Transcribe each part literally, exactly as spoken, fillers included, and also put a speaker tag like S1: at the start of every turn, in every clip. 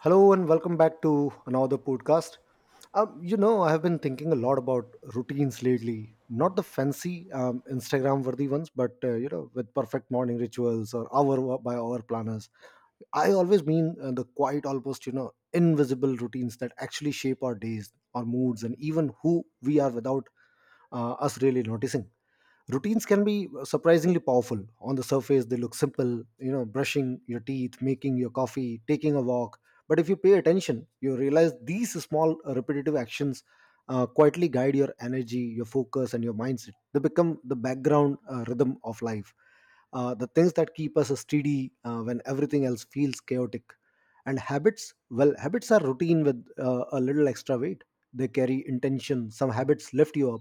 S1: Hello and welcome back to another podcast. Um, you know, I have been thinking a lot about routines lately. Not the fancy um, Instagram worthy ones, but uh, you know, with perfect morning rituals or hour by hour planners. I always mean uh, the quiet, almost you know, invisible routines that actually shape our days, our moods, and even who we are without uh, us really noticing. Routines can be surprisingly powerful. On the surface they look simple, you know, brushing your teeth, making your coffee, taking a walk. But if you pay attention, you realize these small uh, repetitive actions uh, quietly guide your energy, your focus, and your mindset. They become the background uh, rhythm of life, uh, the things that keep us uh, steady uh, when everything else feels chaotic. And habits, well, habits are routine with uh, a little extra weight. They carry intention. Some habits lift you up.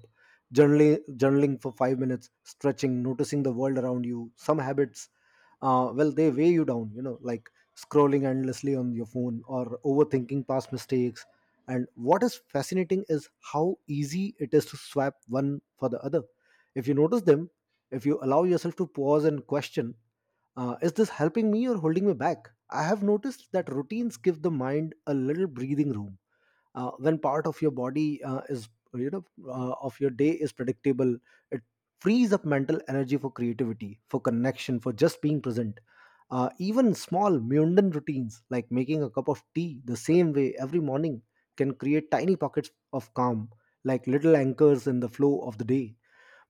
S1: Journaling, journaling for five minutes, stretching, noticing the world around you. Some habits, uh, well, they weigh you down. You know, like scrolling endlessly on your phone or overthinking past mistakes. And what is fascinating is how easy it is to swap one for the other. If you notice them, if you allow yourself to pause and question, uh, is this helping me or holding me back? I have noticed that routines give the mind a little breathing room uh, when part of your body uh, is you know uh, of your day is predictable, it frees up mental energy, for creativity, for connection, for just being present. Uh, even small mundane routines, like making a cup of tea the same way every morning, can create tiny pockets of calm, like little anchors in the flow of the day.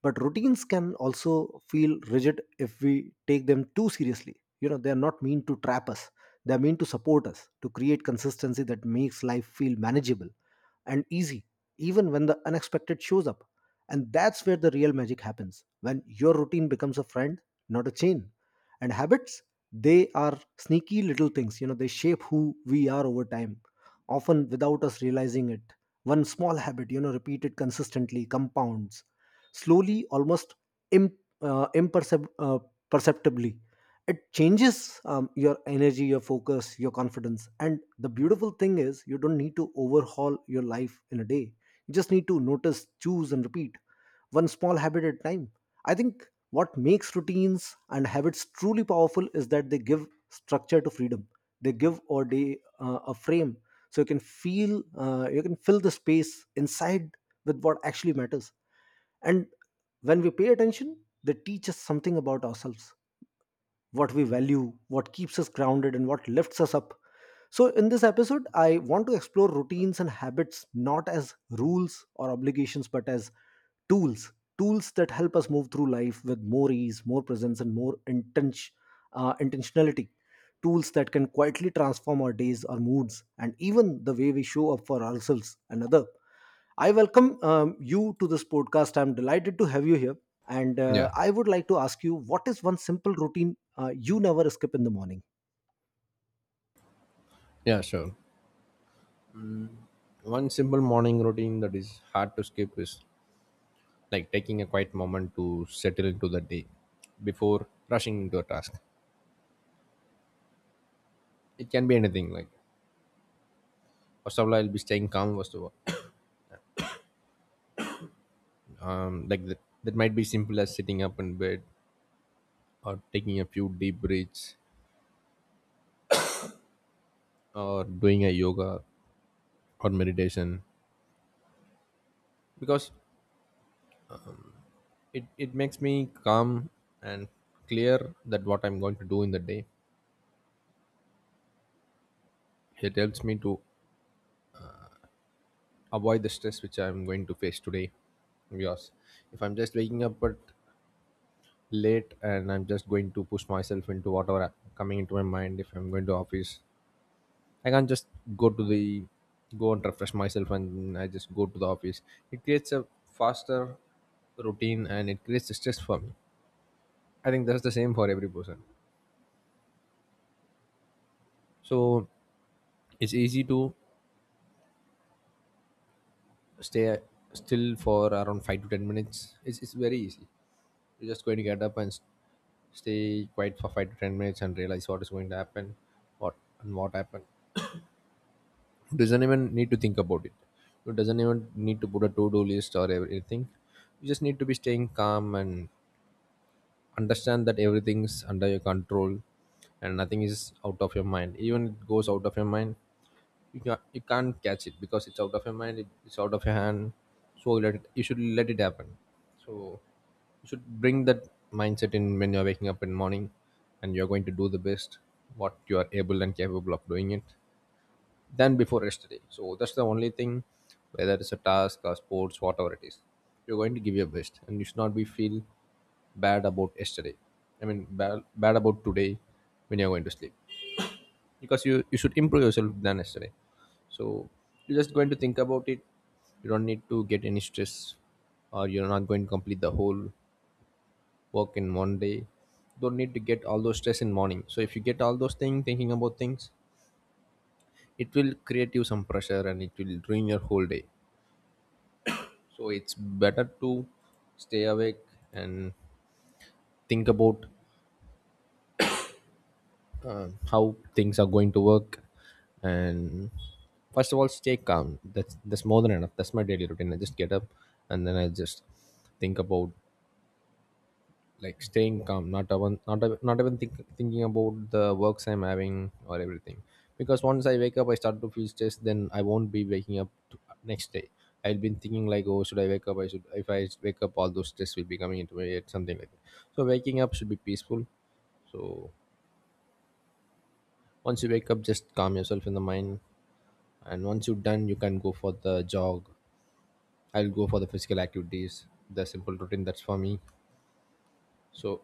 S1: But routines can also feel rigid if we take them too seriously. You know, they are not meant to trap us, they are meant to support us, to create consistency that makes life feel manageable and easy, even when the unexpected shows up. And that's where the real magic happens, when your routine becomes a friend, not a chain. And habits, they are sneaky little things. You know, they shape who we are over time, often without us realizing it. One small habit, you know, repeated consistently, compounds slowly, almost Im- uh, imperceptibly. Uh, perceptibly. It changes um, your energy, your focus, your confidence. And the beautiful thing is, you don't need to overhaul your life in a day. You just need to notice, choose, and repeat one small habit at a time. I think what makes routines and habits truly powerful is that they give structure to freedom. They give our day uh, a frame, so you can feel, uh, you can fill the space inside with what actually matters. And when we pay attention, they teach us something about ourselves, what we value, what keeps us grounded, and what lifts us up. So, in this episode, I want to explore routines and habits not as rules or obligations, but as tools. Tools that help us move through life with more ease, more presence, and more intention uh, intentionality. Tools that can quietly transform our days, our moods, and even the way we show up for ourselves and other. I welcome um, you to this podcast. I'm delighted to have you here. And
S2: Yeah,
S1: uh, I would like to ask you, what is one simple routine uh, you never skip in the morning?
S2: yeah, sure. One simple morning routine that is hard to skip is like taking a quiet moment to settle into the day before rushing into a task. It can be anything like first of all, I'll be staying calm first of all. Um like that that might be simple as sitting up in bed or taking a few deep breaths or doing a yoga or meditation because it, it makes me calm and clear that what I'm going to do in the day. It helps me to avoid the stress which I'm going to face today. Because if I'm just waking up at late and I'm just going to push myself into whatever coming into my mind, if I'm going to office, I can't just go to the go and refresh myself and I just go to the office. It creates a faster routine and it creates stress for me. I think that's the same for every person. So it's easy to stay still for around five to ten minutes. It's, it's very easy. You're just going to get up and s- stay quiet for five to ten minutes and realize what is going to happen, what and what happened. It doesn't even need to think about it. It doesn't even need to put a to-do list or everything. You just need to be staying calm and understand that everything's under your control and nothing is out of your mind. Even it goes out of your mind, you can't, you can't catch it because it's out of your mind, it, it's out of your hand, so you let it, you should let it happen. So you should bring that mindset in when you're waking up in morning, and you're going to do the best what you are able and capable of doing it than before yesterday. So that's the only thing, whether it's a task or sports, whatever it is, you're going to give your best and you should not be feel bad about yesterday. I mean bad, bad about today when you're going to sleep, because you you should improve yourself than yesterday. So you're just going to think about it. You don't need to get any stress or you're not going to complete the whole work in one day. Don't need to get all those stress in morning, so if you get all those things thinking about things, it will create you some pressure and it will ruin your whole day. So it's better to stay awake and think about uh, how things are going to work, and first of all stay calm. That's that's more than enough. That's my daily routine. I just get up and then I just think about like staying calm, not even not even- not even think, thinking about the works I'm having or everything. Because once I wake up I start to feel stressed, then I won't be waking up to, uh, next day. I'll been thinking like, oh, should I wake up? I should. If I wake up, all those stress will be coming into my head, something like that. So waking up should be peaceful. So once you wake up, just calm yourself in the mind. And once you're done, you can go for the jog. I'll go for the physical activities, the simple routine. That's for me. So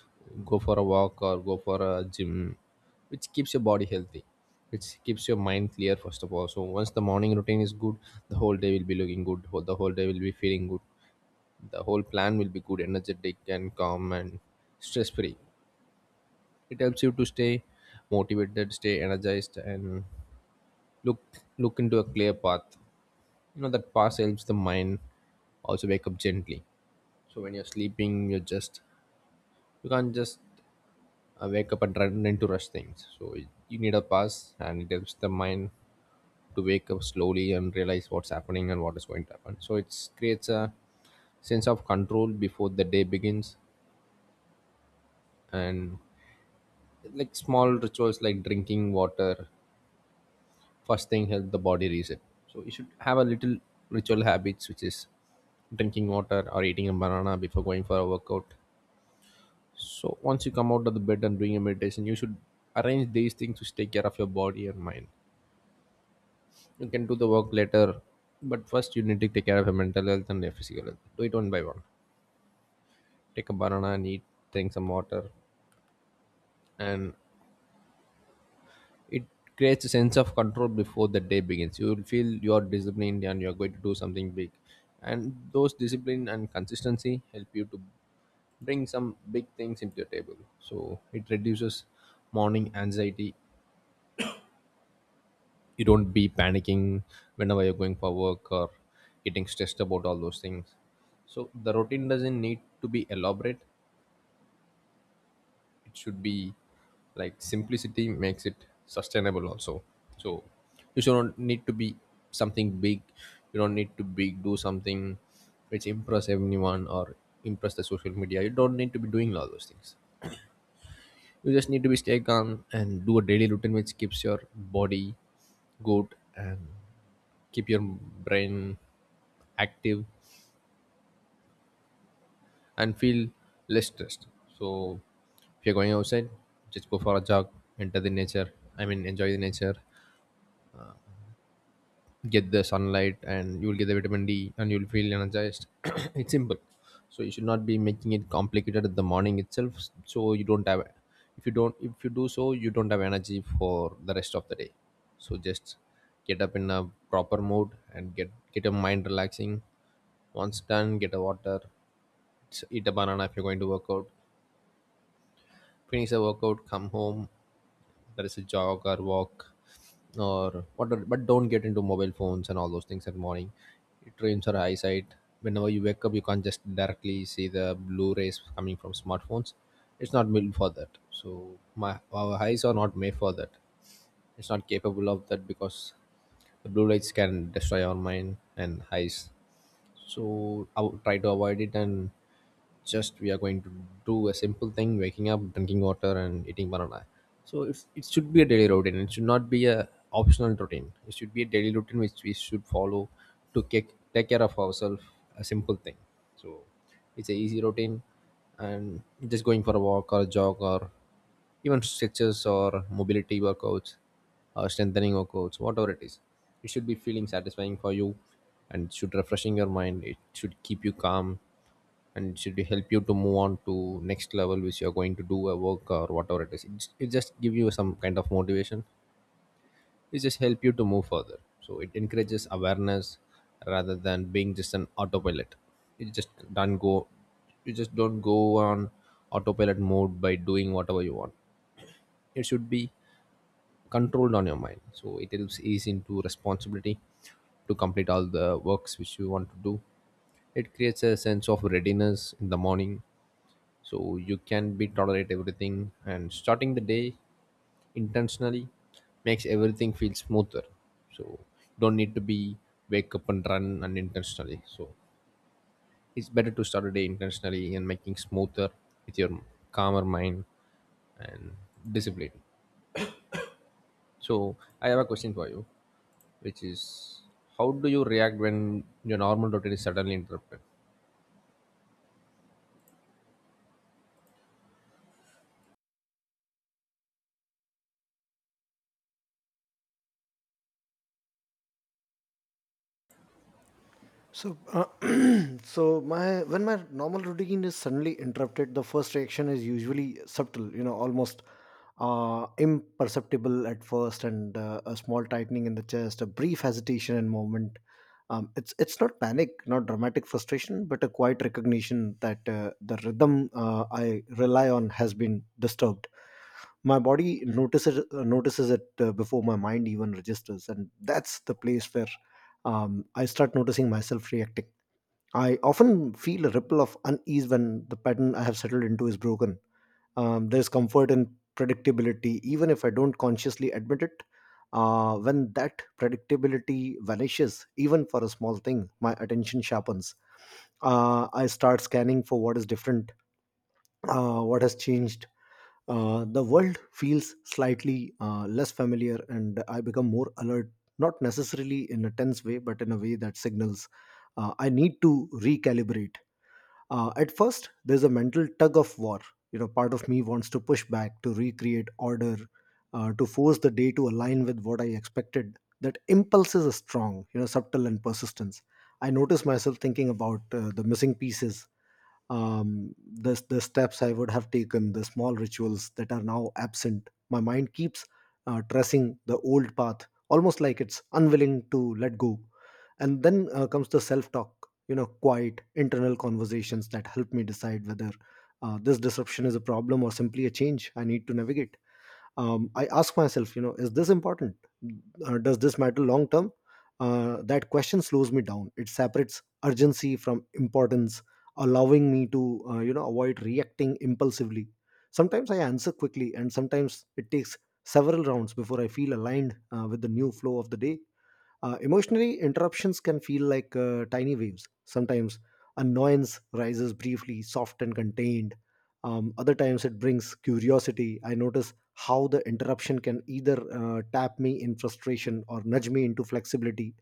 S2: go for a walk or go for a gym, which keeps your body healthy. Which keeps your mind clear first of all. So once the morning routine is good, the whole day will be looking good. whole- The whole day will be feeling good. The whole plan will be good, energetic and calm and stress free. It helps you to stay motivated, stay energized, and look look into a clear path. You know that pause helps the mind also wake up gently. So when you're sleeping, you're just, you can't just uh, wake up and run into rush things. So it, you need a pause, and it helps the mind to wake up slowly and realize what's happening and what is going to happen. So it creates a sense of control before the day begins. And like small rituals like drinking water first thing help the body reset. So you should have a little ritual habits, which is drinking water or eating a banana before going for a workout. So once you come out of the bed and doing a meditation, you should arrange these things to take care of your body and mind. You can do the work later, but first you need to take care of your mental health and your physical health. Do it one by one. Take a banana and eat, drink some water, and it creates a sense of control before the day begins. You will feel you are disciplined and you are going to do something big. And those discipline and consistency help you to bring some big things into your table. So it reduces morning anxiety. You don't be panicking whenever you're going for work or getting stressed about all those things. So the routine doesn't need to be elaborate. It should be like simplicity makes it sustainable also. So you should not need to be something big. You don't need to be do something which impress everyone or impress the social media. You don't need to be doing all those things. You just need to be stay calm and do a daily routine which keeps your body good and keep your brain active and feel less stressed. So if you're going outside, just go for a jog, enter the nature, I mean enjoy the nature, get the sunlight and you'll get the vitamin D and you'll feel energized. It's simple. So you should not be making it complicated at the morning itself. So you don't have, if you don't if you do so, you don't have energy for the rest of the day. So just get up in a proper mood and get get your mind relaxing. Once done, get a water, s- eat a banana if you're going to work out. Finish the workout, come home. There is a jog or walk or whatever, but don't get into mobile phones and all those things at morning. It ruins our eyesight. Whenever you wake up, you can't just directly see the blue rays coming from smartphones. It's not built for that. So my our eyes are not made for that. It's not capable of that, because the blue lights can destroy our mind and eyes. So I would try to avoid it, and just we are going to do a simple thing: waking up, drinking water and eating banana. So it's, it should be a daily routine. It should not be a optional routine. It should be a daily routine which we should follow to take, take care of ourselves, a simple thing. So it's a easy routine. And just going for a walk or a jog or even stretches or mobility workouts or strengthening workouts, whatever it is, it should be feeling satisfying for you, and it should refreshing your mind, it should keep you calm, and it should help you to move on to next level, which you're going to do a work or whatever it is, it, just- it just give you some kind of motivation. It just help you to move further. So it encourages awareness rather than being just an autopilot. you just don't go you just don't go on autopilot mode by doing whatever you want. It should be controlled on your mind, so it helps ease into responsibility to complete all the works which you want to do. It creates a sense of readiness in the morning, so you can be tolerate everything. And starting the day intentionally makes everything feel smoother. So you don't need to be wake up and run unintentionally. So it's better to start a day intentionally and making smoother with your calmer mind and discipline. So I have a question for you, which is, how do you react when your normal routine is suddenly interrupted?
S1: So, uh, so my when my normal routine is suddenly interrupted, the first reaction is usually subtle, you know, almost uh, imperceptible at first, and uh, a small tightening in the chest, a brief hesitation and moment. Um, it's it's not panic, not dramatic frustration, but a quiet recognition that uh, the rhythm uh, I rely on has been disturbed. My body notices notices it uh, before my mind even registers, and that's the place where um, I start noticing myself reacting. I often feel a ripple of unease when the pattern I have settled into is broken. Um, there's comfort in predictability, even if I don't consciously admit it. Uh, when that predictability vanishes, even for a small thing, my attention sharpens. Uh, I start scanning for what is different, uh, what has changed. Uh, the world feels slightly uh, less familiar, and I become more alert, not necessarily in a tense way, but in a way that signals uh, I need to recalibrate. Uh, at first, there's a mental tug of war. You know, part of me wants to push back, to recreate order, uh, to force the day to align with what I expected. That impulse is strong, you know, subtle and persistence. I notice myself thinking about uh, the missing pieces, um, the, the steps I would have taken, the small rituals that are now absent. My mind keeps uh, tracing the old path, almost like it's unwilling to let go. And then uh, comes the self talk, you know, quiet internal conversations that help me decide whether uh, this disruption is a problem or simply a change I need to navigate. um, I ask myself, you know, is this important? Uh, does this matter long term? Uh, that question slows me down. It separates urgency from importance, allowing me to, uh, you know avoid reacting impulsively. Sometimes I answer quickly and sometimes it takes several rounds before I feel aligned uh, with the new flow of the day. Uh, emotionally, interruptions can feel like uh, tiny waves. Sometimes annoyance rises briefly, soft and contained. Um, other times it brings curiosity. I notice how the interruption can either uh, tap me in frustration or nudge me into flexibility.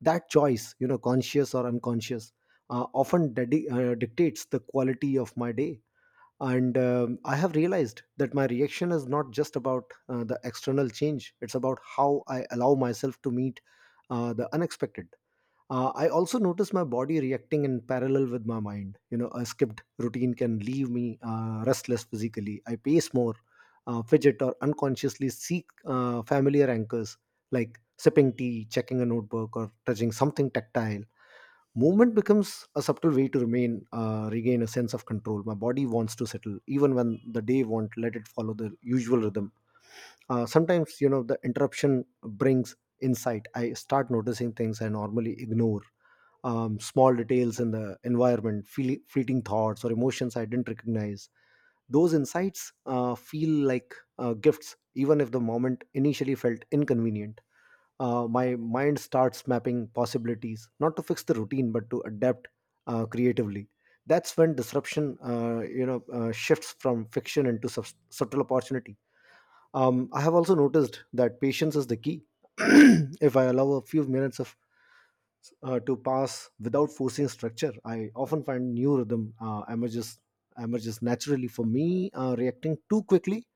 S1: That choice, you know, conscious or unconscious, uh, often dedi- uh, dictates the quality of my day. And um, I have realized that my reaction is not just about uh, the external change, it's about how I allow myself to meet uh, the unexpected. uh, I also notice my body reacting in parallel with my mind. You know, a skipped routine can leave me uh, restless physically. I pace more, uh, fidget, or unconsciously seek uh, familiar anchors, like sipping tea, checking a notebook, or touching something tactile. Movement becomes a subtle way to remain uh, regain a sense of control. My body wants to settle even when the day won't let it follow the usual rhythm. Uh, sometimes, you know, the interruption brings insight. I start noticing things I normally ignore. Um, small details in the environment, feel, fleeting thoughts, or emotions I didn't recognize. Those insights uh, feel like uh, gifts, even if the moment initially felt inconvenient. Uh, my mind starts mapping possibilities, not to fix the routine, but to adapt uh, creatively. That's when disruption, uh, you know, uh, shifts from fiction into sub- subtle opportunity. Um, I have also noticed that patience is the key. If I allow a few minutes of uh, to pass without forcing structure, I often find new rhythm uh, emerges emerges naturally for me. Uh, reacting too quickly,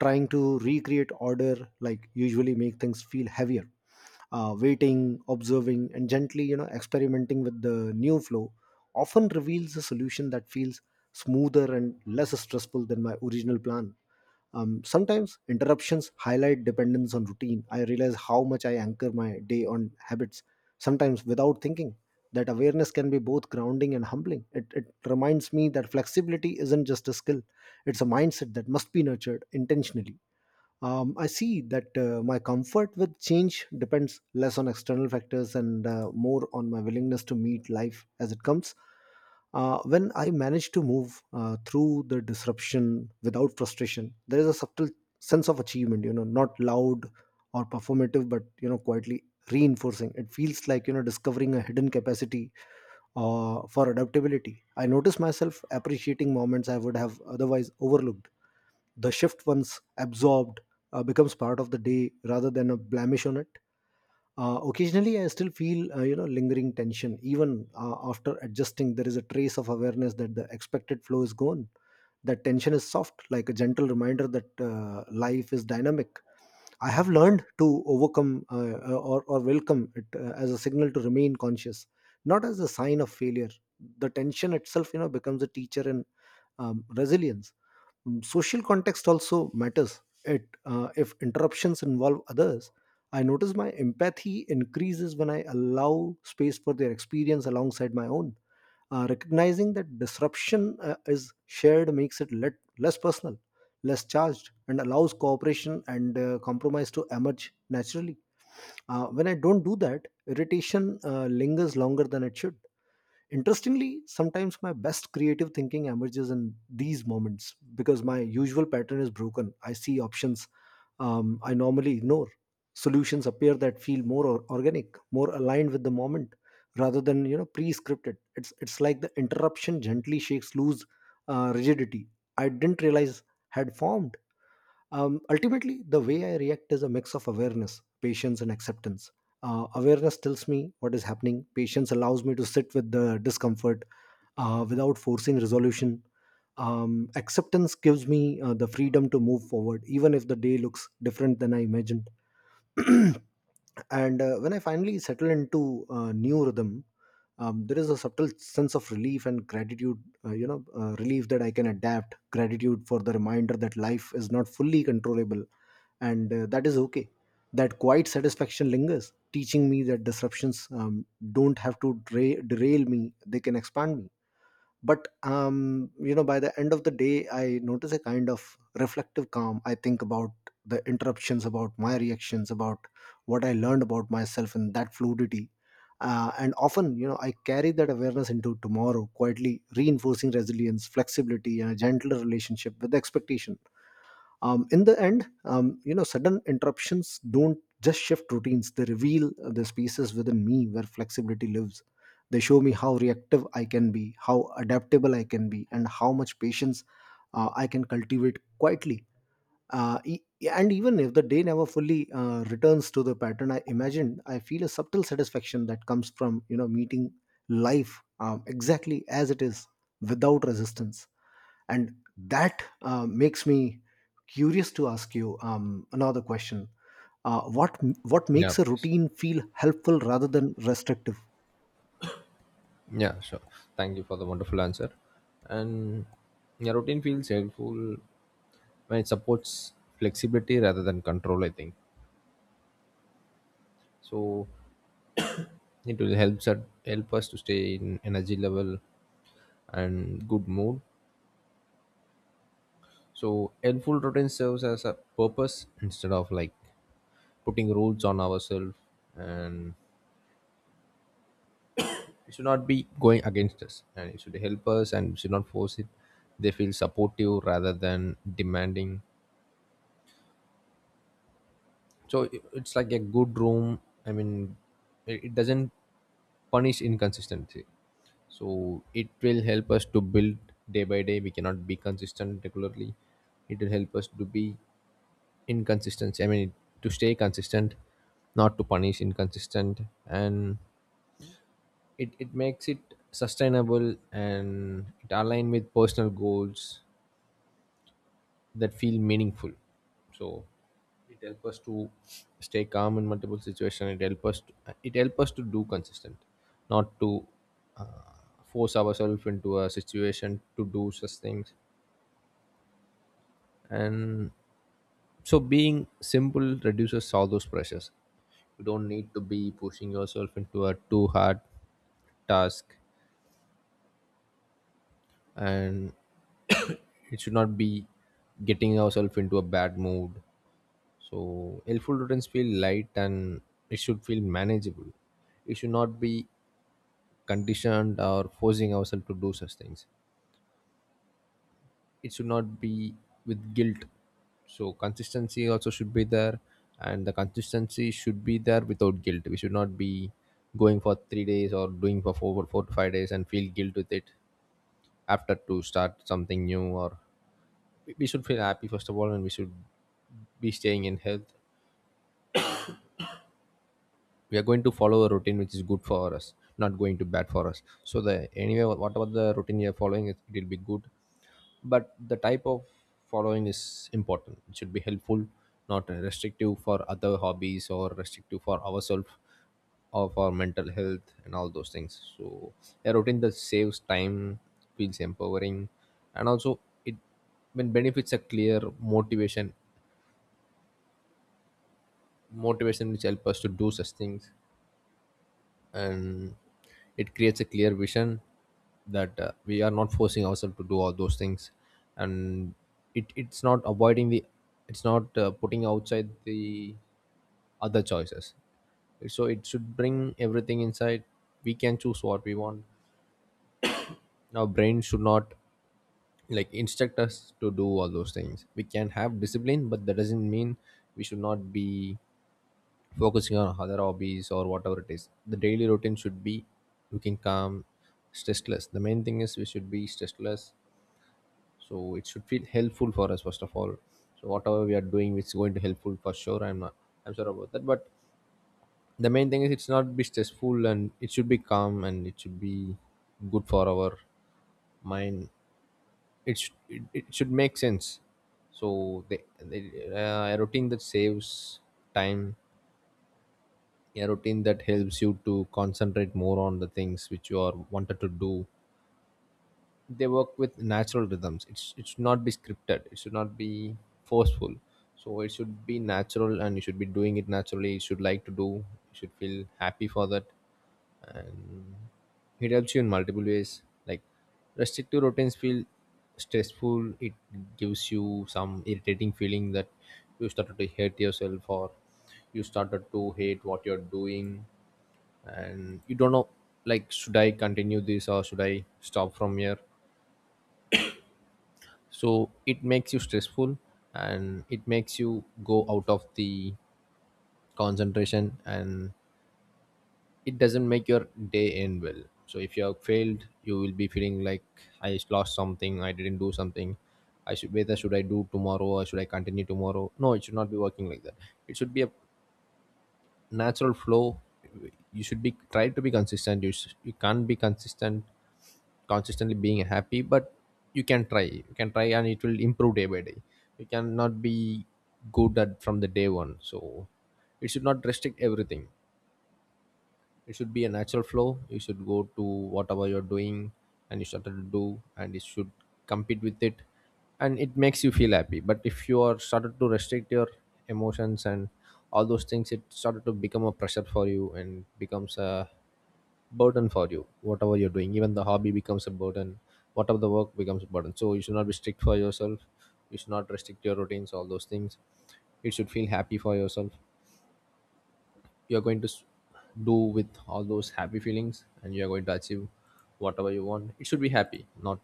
S1: trying to recreate order, like, usually make things feel heavier. Uh, waiting, observing, and gently, you know, experimenting with the new flow often reveals a solution that feels smoother and less stressful than my original plan. Um, sometimes interruptions highlight dependence on routine. I realize how much I anchor my day on habits, sometimes without thinking. That awareness can be both grounding and humbling. It, it reminds me that flexibility isn't just a skill, it's a mindset that must be nurtured intentionally. um, I see that uh, my comfort with change depends less on external factors and uh, more on my willingness to meet life as it comes. Uh, when I manage to move uh, through the disruption without frustration, there is a subtle sense of achievement, you know, not loud or performative, but, you know, quietly reinforcing. It feels like, you know, discovering a hidden capacity uh, for adaptability. I notice myself appreciating moments I would have otherwise overlooked. The shift, once absorbed, uh, becomes part of the day rather than a blemish on it. Uh, occasionally I still feel, uh, you know lingering tension, even uh, after adjusting. There is a trace of awareness that the expected flow is gone. That tension is soft, like a gentle reminder that uh, life is dynamic. I have learned to overcome uh, uh, or, or welcome it uh, as a signal to remain conscious, not as a sign of failure. The tension itself, you know, becomes a teacher in um, resilience. Mm, social context also matters. It uh, If interruptions involve others, I notice my empathy increases when I allow space for their experience alongside my own. Uh, recognizing that disruption uh, is shared makes it let, less personal, less charged, and allows cooperation and uh, compromise to emerge naturally. Uh, when I don't do that, irritation uh, lingers longer than it should. Interestingly, sometimes my best creative thinking emerges in these moments because my usual pattern is broken. I see options um, I normally ignore. Solutions appear that feel more or- organic, more aligned with the moment, rather than you know pre-scripted. It's it's like the interruption gently shakes loose uh, rigidity I didn't realize had formed. Um, ultimately, the way I react is a mix of awareness, patience, and acceptance. Uh, awareness tells me what is happening. Patience allows me to sit with the discomfort uh, without forcing resolution. Um, acceptance gives me uh, the freedom to move forward, even if the day looks different than I imagined. And uh, when I finally settle into uh, new rhythm, um, there is a subtle sense of relief and gratitude, uh, you know uh, relief that I can adapt, gratitude for the reminder that life is not fully controllable, and uh, that is okay. That quiet satisfaction lingers, teaching me that disruptions um, don't have to dra- derail me. They can expand me. But um, you know by the end of the day I notice a kind of reflective calm. I think about the interruptions, about my reactions, about what I learned about myself in that fluidity. Uh, and often you know I carry that awareness into tomorrow, quietly reinforcing resilience, flexibility, and a gentler relationship with expectations. Um, in the end um, you know sudden interruptions don't just shift routines. They reveal uh, the spaces within me where flexibility lives. They show me how reactive I can be, how adaptable I can be, and how much patience uh, I can cultivate quietly. uh, e- and even if the day never fully uh, returns to the pattern I imagined, I feel a subtle satisfaction that comes from you know meeting life um, exactly as it is, without resistance. And that uh, makes me curious to ask you um, another question. Uh, what what
S2: Yeah,
S1: makes a
S2: please.
S1: routine feel helpful rather than restrictive?
S2: Yeah, sure. Thank you for the wonderful answer. And your routine feels helpful when it supports flexibility rather than control, I think. So it will help us help us to stay in energy level and good mood. So helpful routine serves as a purpose instead of like putting rules on ourselves, and it should not be going against us and it should help us and should not force it. They feel supportive rather than demanding. So i- it's like a good room, I mean it it doesn't punish inconsistency. So it will help us to build day by day. We cannot be consistent regularly. It will help us to be inconsistent, I mean to stay consistent, not to punish inconsistent. And it, it makes it sustainable and it align with personal goals that feel meaningful. So it helps us to stay calm in multiple situations. It helps us. To, it helps us to do consistent, not to uh, force ourselves into a situation to do such things. And so being simple reduces all those pressures. You don't need to be pushing yourself into a too hard task, and it should not be getting ourselves into a bad mood. So helpful routines feel light and it should feel manageable. It should not be conditioned or forcing ourselves to do such things. It should not be with guilt. So consistency also should be there, and the consistency should be there without guilt. We should not be going for three days or doing for four, four to five days and feel guilt with it after to start something new, or we we should feel happy first of all, and we should be staying in health. We are going to follow a routine which is good for us, not going to bad for us. So the anyway, whatever the routine you're following, it, it will be good, but the type of following is important. It should be helpful, not restrictive for other hobbies or restrictive for ourselves or for mental health and all those things. So a routine that saves time feels empowering, and also it when benefits a clear motivation motivation which help us to do such things. And it creates a clear vision that uh, we are not forcing ourselves to do all those things. And it, it's not avoiding the it's not uh, putting outside the other choices. So it should bring everything inside. We can choose what we want. Our brain should not like instruct us to do all those things. We can have discipline, but that doesn't mean we should not be focusing on other hobbies or whatever it is. The daily routine should be looking calm, stressless. The main thing is we should be stressless, so it should feel helpful for us first of all. So whatever we are doing, it's going to helpful for sure. I'm not, I'm sure about that. But the main thing is it's not be stressful, and it should be calm, and it should be good for our mind. It should, it, it should make sense. So the, the uh, a routine that saves time, a routine that helps you to concentrate more on the things which you are wanted to do. They work with natural rhythms. It's it should not be scripted, it should not be forceful. So it should be natural, and you should be doing it naturally. You should like to do, you should feel happy for that. And it helps you in multiple ways, like restrictive routines feel stressful. It gives you some irritating feeling that you started to hate yourself or you started to hate what you're doing. And you don't know, like should I continue this or should I stop from here? So it makes you stressful, and it makes you go out of the concentration, and it doesn't make your day end well. So if you have failed, you will be feeling like I lost something, I didn't do something. I should whether should I do tomorrow or should I continue tomorrow? No, it should not be working like that. It should be a natural flow. You should be try to be consistent. You, sh- you can't be consistent consistently being happy, but you can try you can try, and it will improve day by day. You cannot be good at from the day one. So it should not restrict everything. It should be a natural flow. You should go to whatever you're doing and you started to do, and it should compete with it, and it makes you feel happy. But if you are started to restrict your emotions and all those things, it started to become a pressure for you, and becomes a burden for you. Whatever you're doing, even the hobby becomes a burden, whatever the work becomes a burden. So you should not be strict for yourself. You should not restrict your routines, all those things. You should feel happy for yourself. You're going to s- do with all those happy feelings, and you're going to achieve whatever you want. It should be happy, not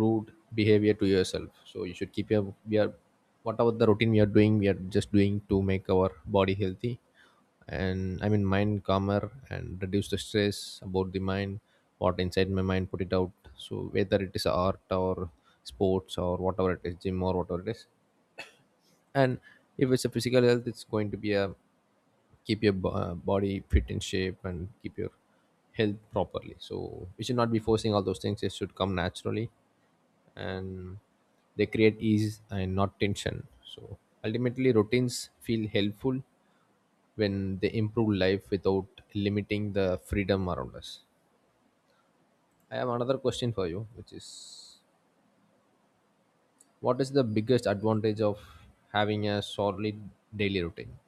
S2: rude behavior to yourself. So you should keep your we are, whatever the routine we are doing, we are just doing to make our body healthy, and I mean mind calmer and reduce the stress about the mind. What inside my mind, put it out. So whether it is art or sports or whatever it is, gym or whatever it is. And if it's a physical health, it's going to be a keep your bo- uh, body fit in shape and keep your health properly. So we should not be forcing all those things. It should come naturally, and they create ease and not tension. So ultimately, routines feel helpful when they improve life without limiting the freedom around us. I have another question for you, which is what is the biggest advantage of having a solid daily routine?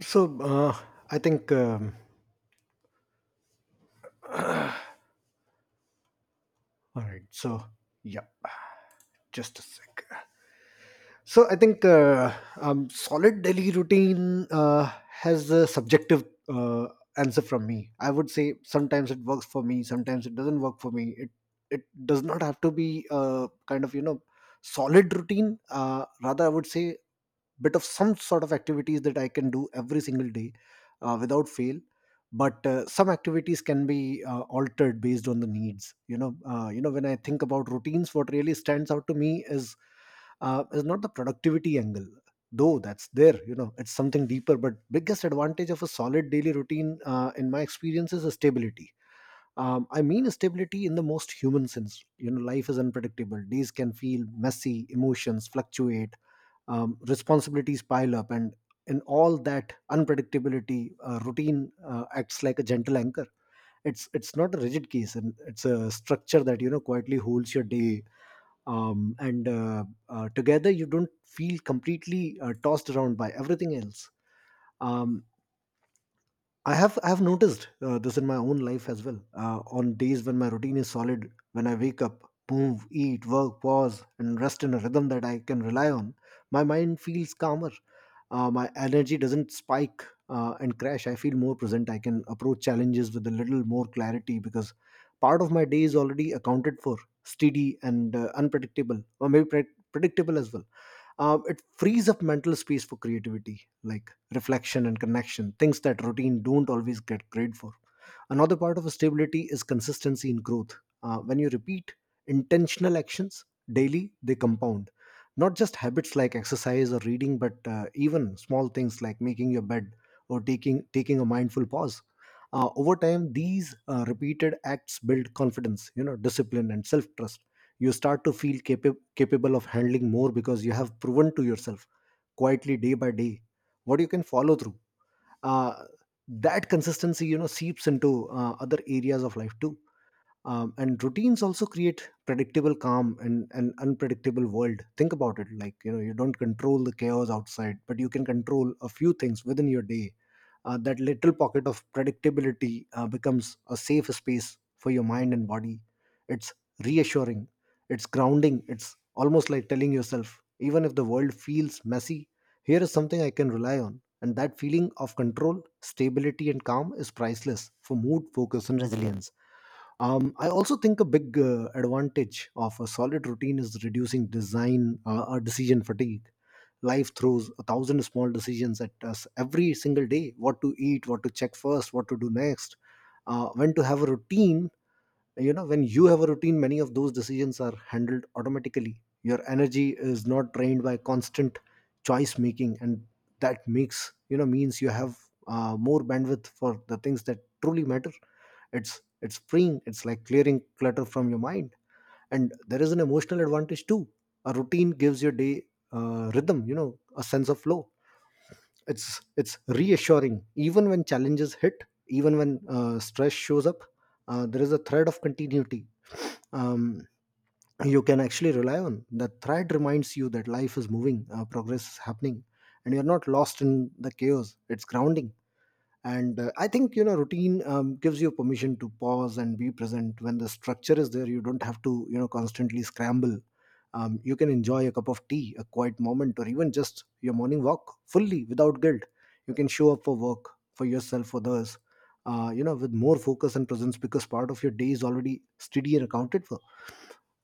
S1: So uh, I think um, all right so yeah just a sec So I think uh, um, solid daily routine uh, has a subjective uh, answer from me. I would say sometimes it works for me, sometimes it doesn't work for me. It it does not have to be a kind of you know solid routine. Uh, rather, I would say bit of some sort of activities that I can do every single day uh, without fail. But uh, some activities can be uh, altered based on the needs. You know, uh, you know when I think about routines, what really stands out to me is uh, is not the productivity angle, though that's there. You know it's something deeper, but biggest advantage of a solid daily routine, uh, in my experience, is stability. um, I mean stability in the most human sense. You know life is unpredictable, days can feel messy, emotions fluctuate, um, responsibilities pile up, and in all that unpredictability, uh, routine uh, acts like a gentle anchor. It's it's not a rigid case, and it's a structure that you know quietly holds your day um, and uh, uh, together. You don't feel completely uh, tossed around by everything else. um, i have I have noticed uh, this in my own life as well. Uh, on days when my routine is solid, when I wake up, move, eat, work, pause, and rest in a rhythm that I can rely on, my mind feels calmer, uh, my energy doesn't spike uh, and crash, I feel more present, I can approach challenges with a little more clarity because part of my day is already accounted for, steady and uh, unpredictable, or maybe pre- predictable as well. Um, it frees up mental space for creativity, like reflection and connection, things that routine don't always get great for. Another part of stability is consistency in growth. Uh, when you repeat intentional actions daily, they compound. Not just habits like exercise or reading, but uh, even small things like making your bed or taking taking a mindful pause. Uh, over time, these uh, repeated acts build confidence, you know, discipline and self trust. You start to feel capa- capable of handling more because you have proven to yourself, quietly, day by day, what you can follow through. uh, that consistency, you know seeps into uh, other areas of life too. Um, and routines also create predictable calm and an unpredictable world. Think about it like, you know you don't control the chaos outside, but you can control a few things within your day. Uh, that little pocket of predictability uh, becomes a safe space for your mind and body. It's reassuring, it's grounding. It's almost like telling yourself, even if the world feels messy, here is something I can rely on. And that feeling of control, stability, and calm is priceless for mood, focus, and resilience. um, I also think a big uh, advantage of a solid routine is reducing design uh, or decision fatigue. Life throws a thousand small decisions at us every single day: what to eat, what to check first, what to do next, uh, when to have a routine. You know, when you have a routine, many of those decisions are handled automatically. Your energy is not drained by constant choice making, and that makes you know means you have uh, more bandwidth for the things that truly matter. It's it's freeing, it's like clearing clutter from your mind. And there is an emotional advantage too. A routine gives your day uh, rhythm, you know a sense of flow. It's it's reassuring even when challenges hit, even when uh, stress shows up. Uh, there is a thread of continuity um, you can actually rely on. The thread reminds you that life is moving, uh, progress is happening, and you're not lost in the chaos. It's grounding. And uh, I think, you know routine um, gives you permission to pause and be present. When the structure is there, you don't have to, you know constantly scramble. Um, you can enjoy a cup of tea, a quiet moment, or even just your morning walk fully without guilt. You can show up for work, for yourself, for others, uh, you know with more focus and presence, because part of your day is already steady and accounted for.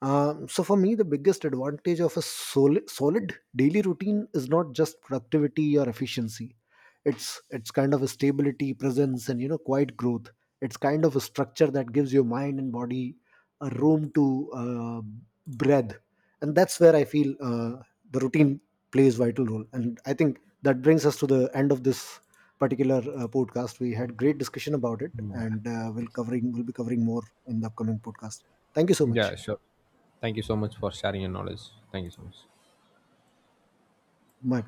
S1: um, So for me, the biggest advantage of a solid, solid daily routine is not just productivity or efficiency. It's it's kind of a stability, presence, and, you know, quiet growth. It's kind of a structure that gives your mind and body a room to uh, breathe, and that's where I feel uh, the routine plays vital role. And I think that brings us to the end of this particular uh, podcast. We had great discussion about it,
S2: Yeah,
S1: and uh, we'll covering we'll be covering more in the upcoming podcast. Thank you so
S2: yeah,
S1: much.
S2: sure. Thank you so much for sharing your knowledge. Thank you so much.
S1: My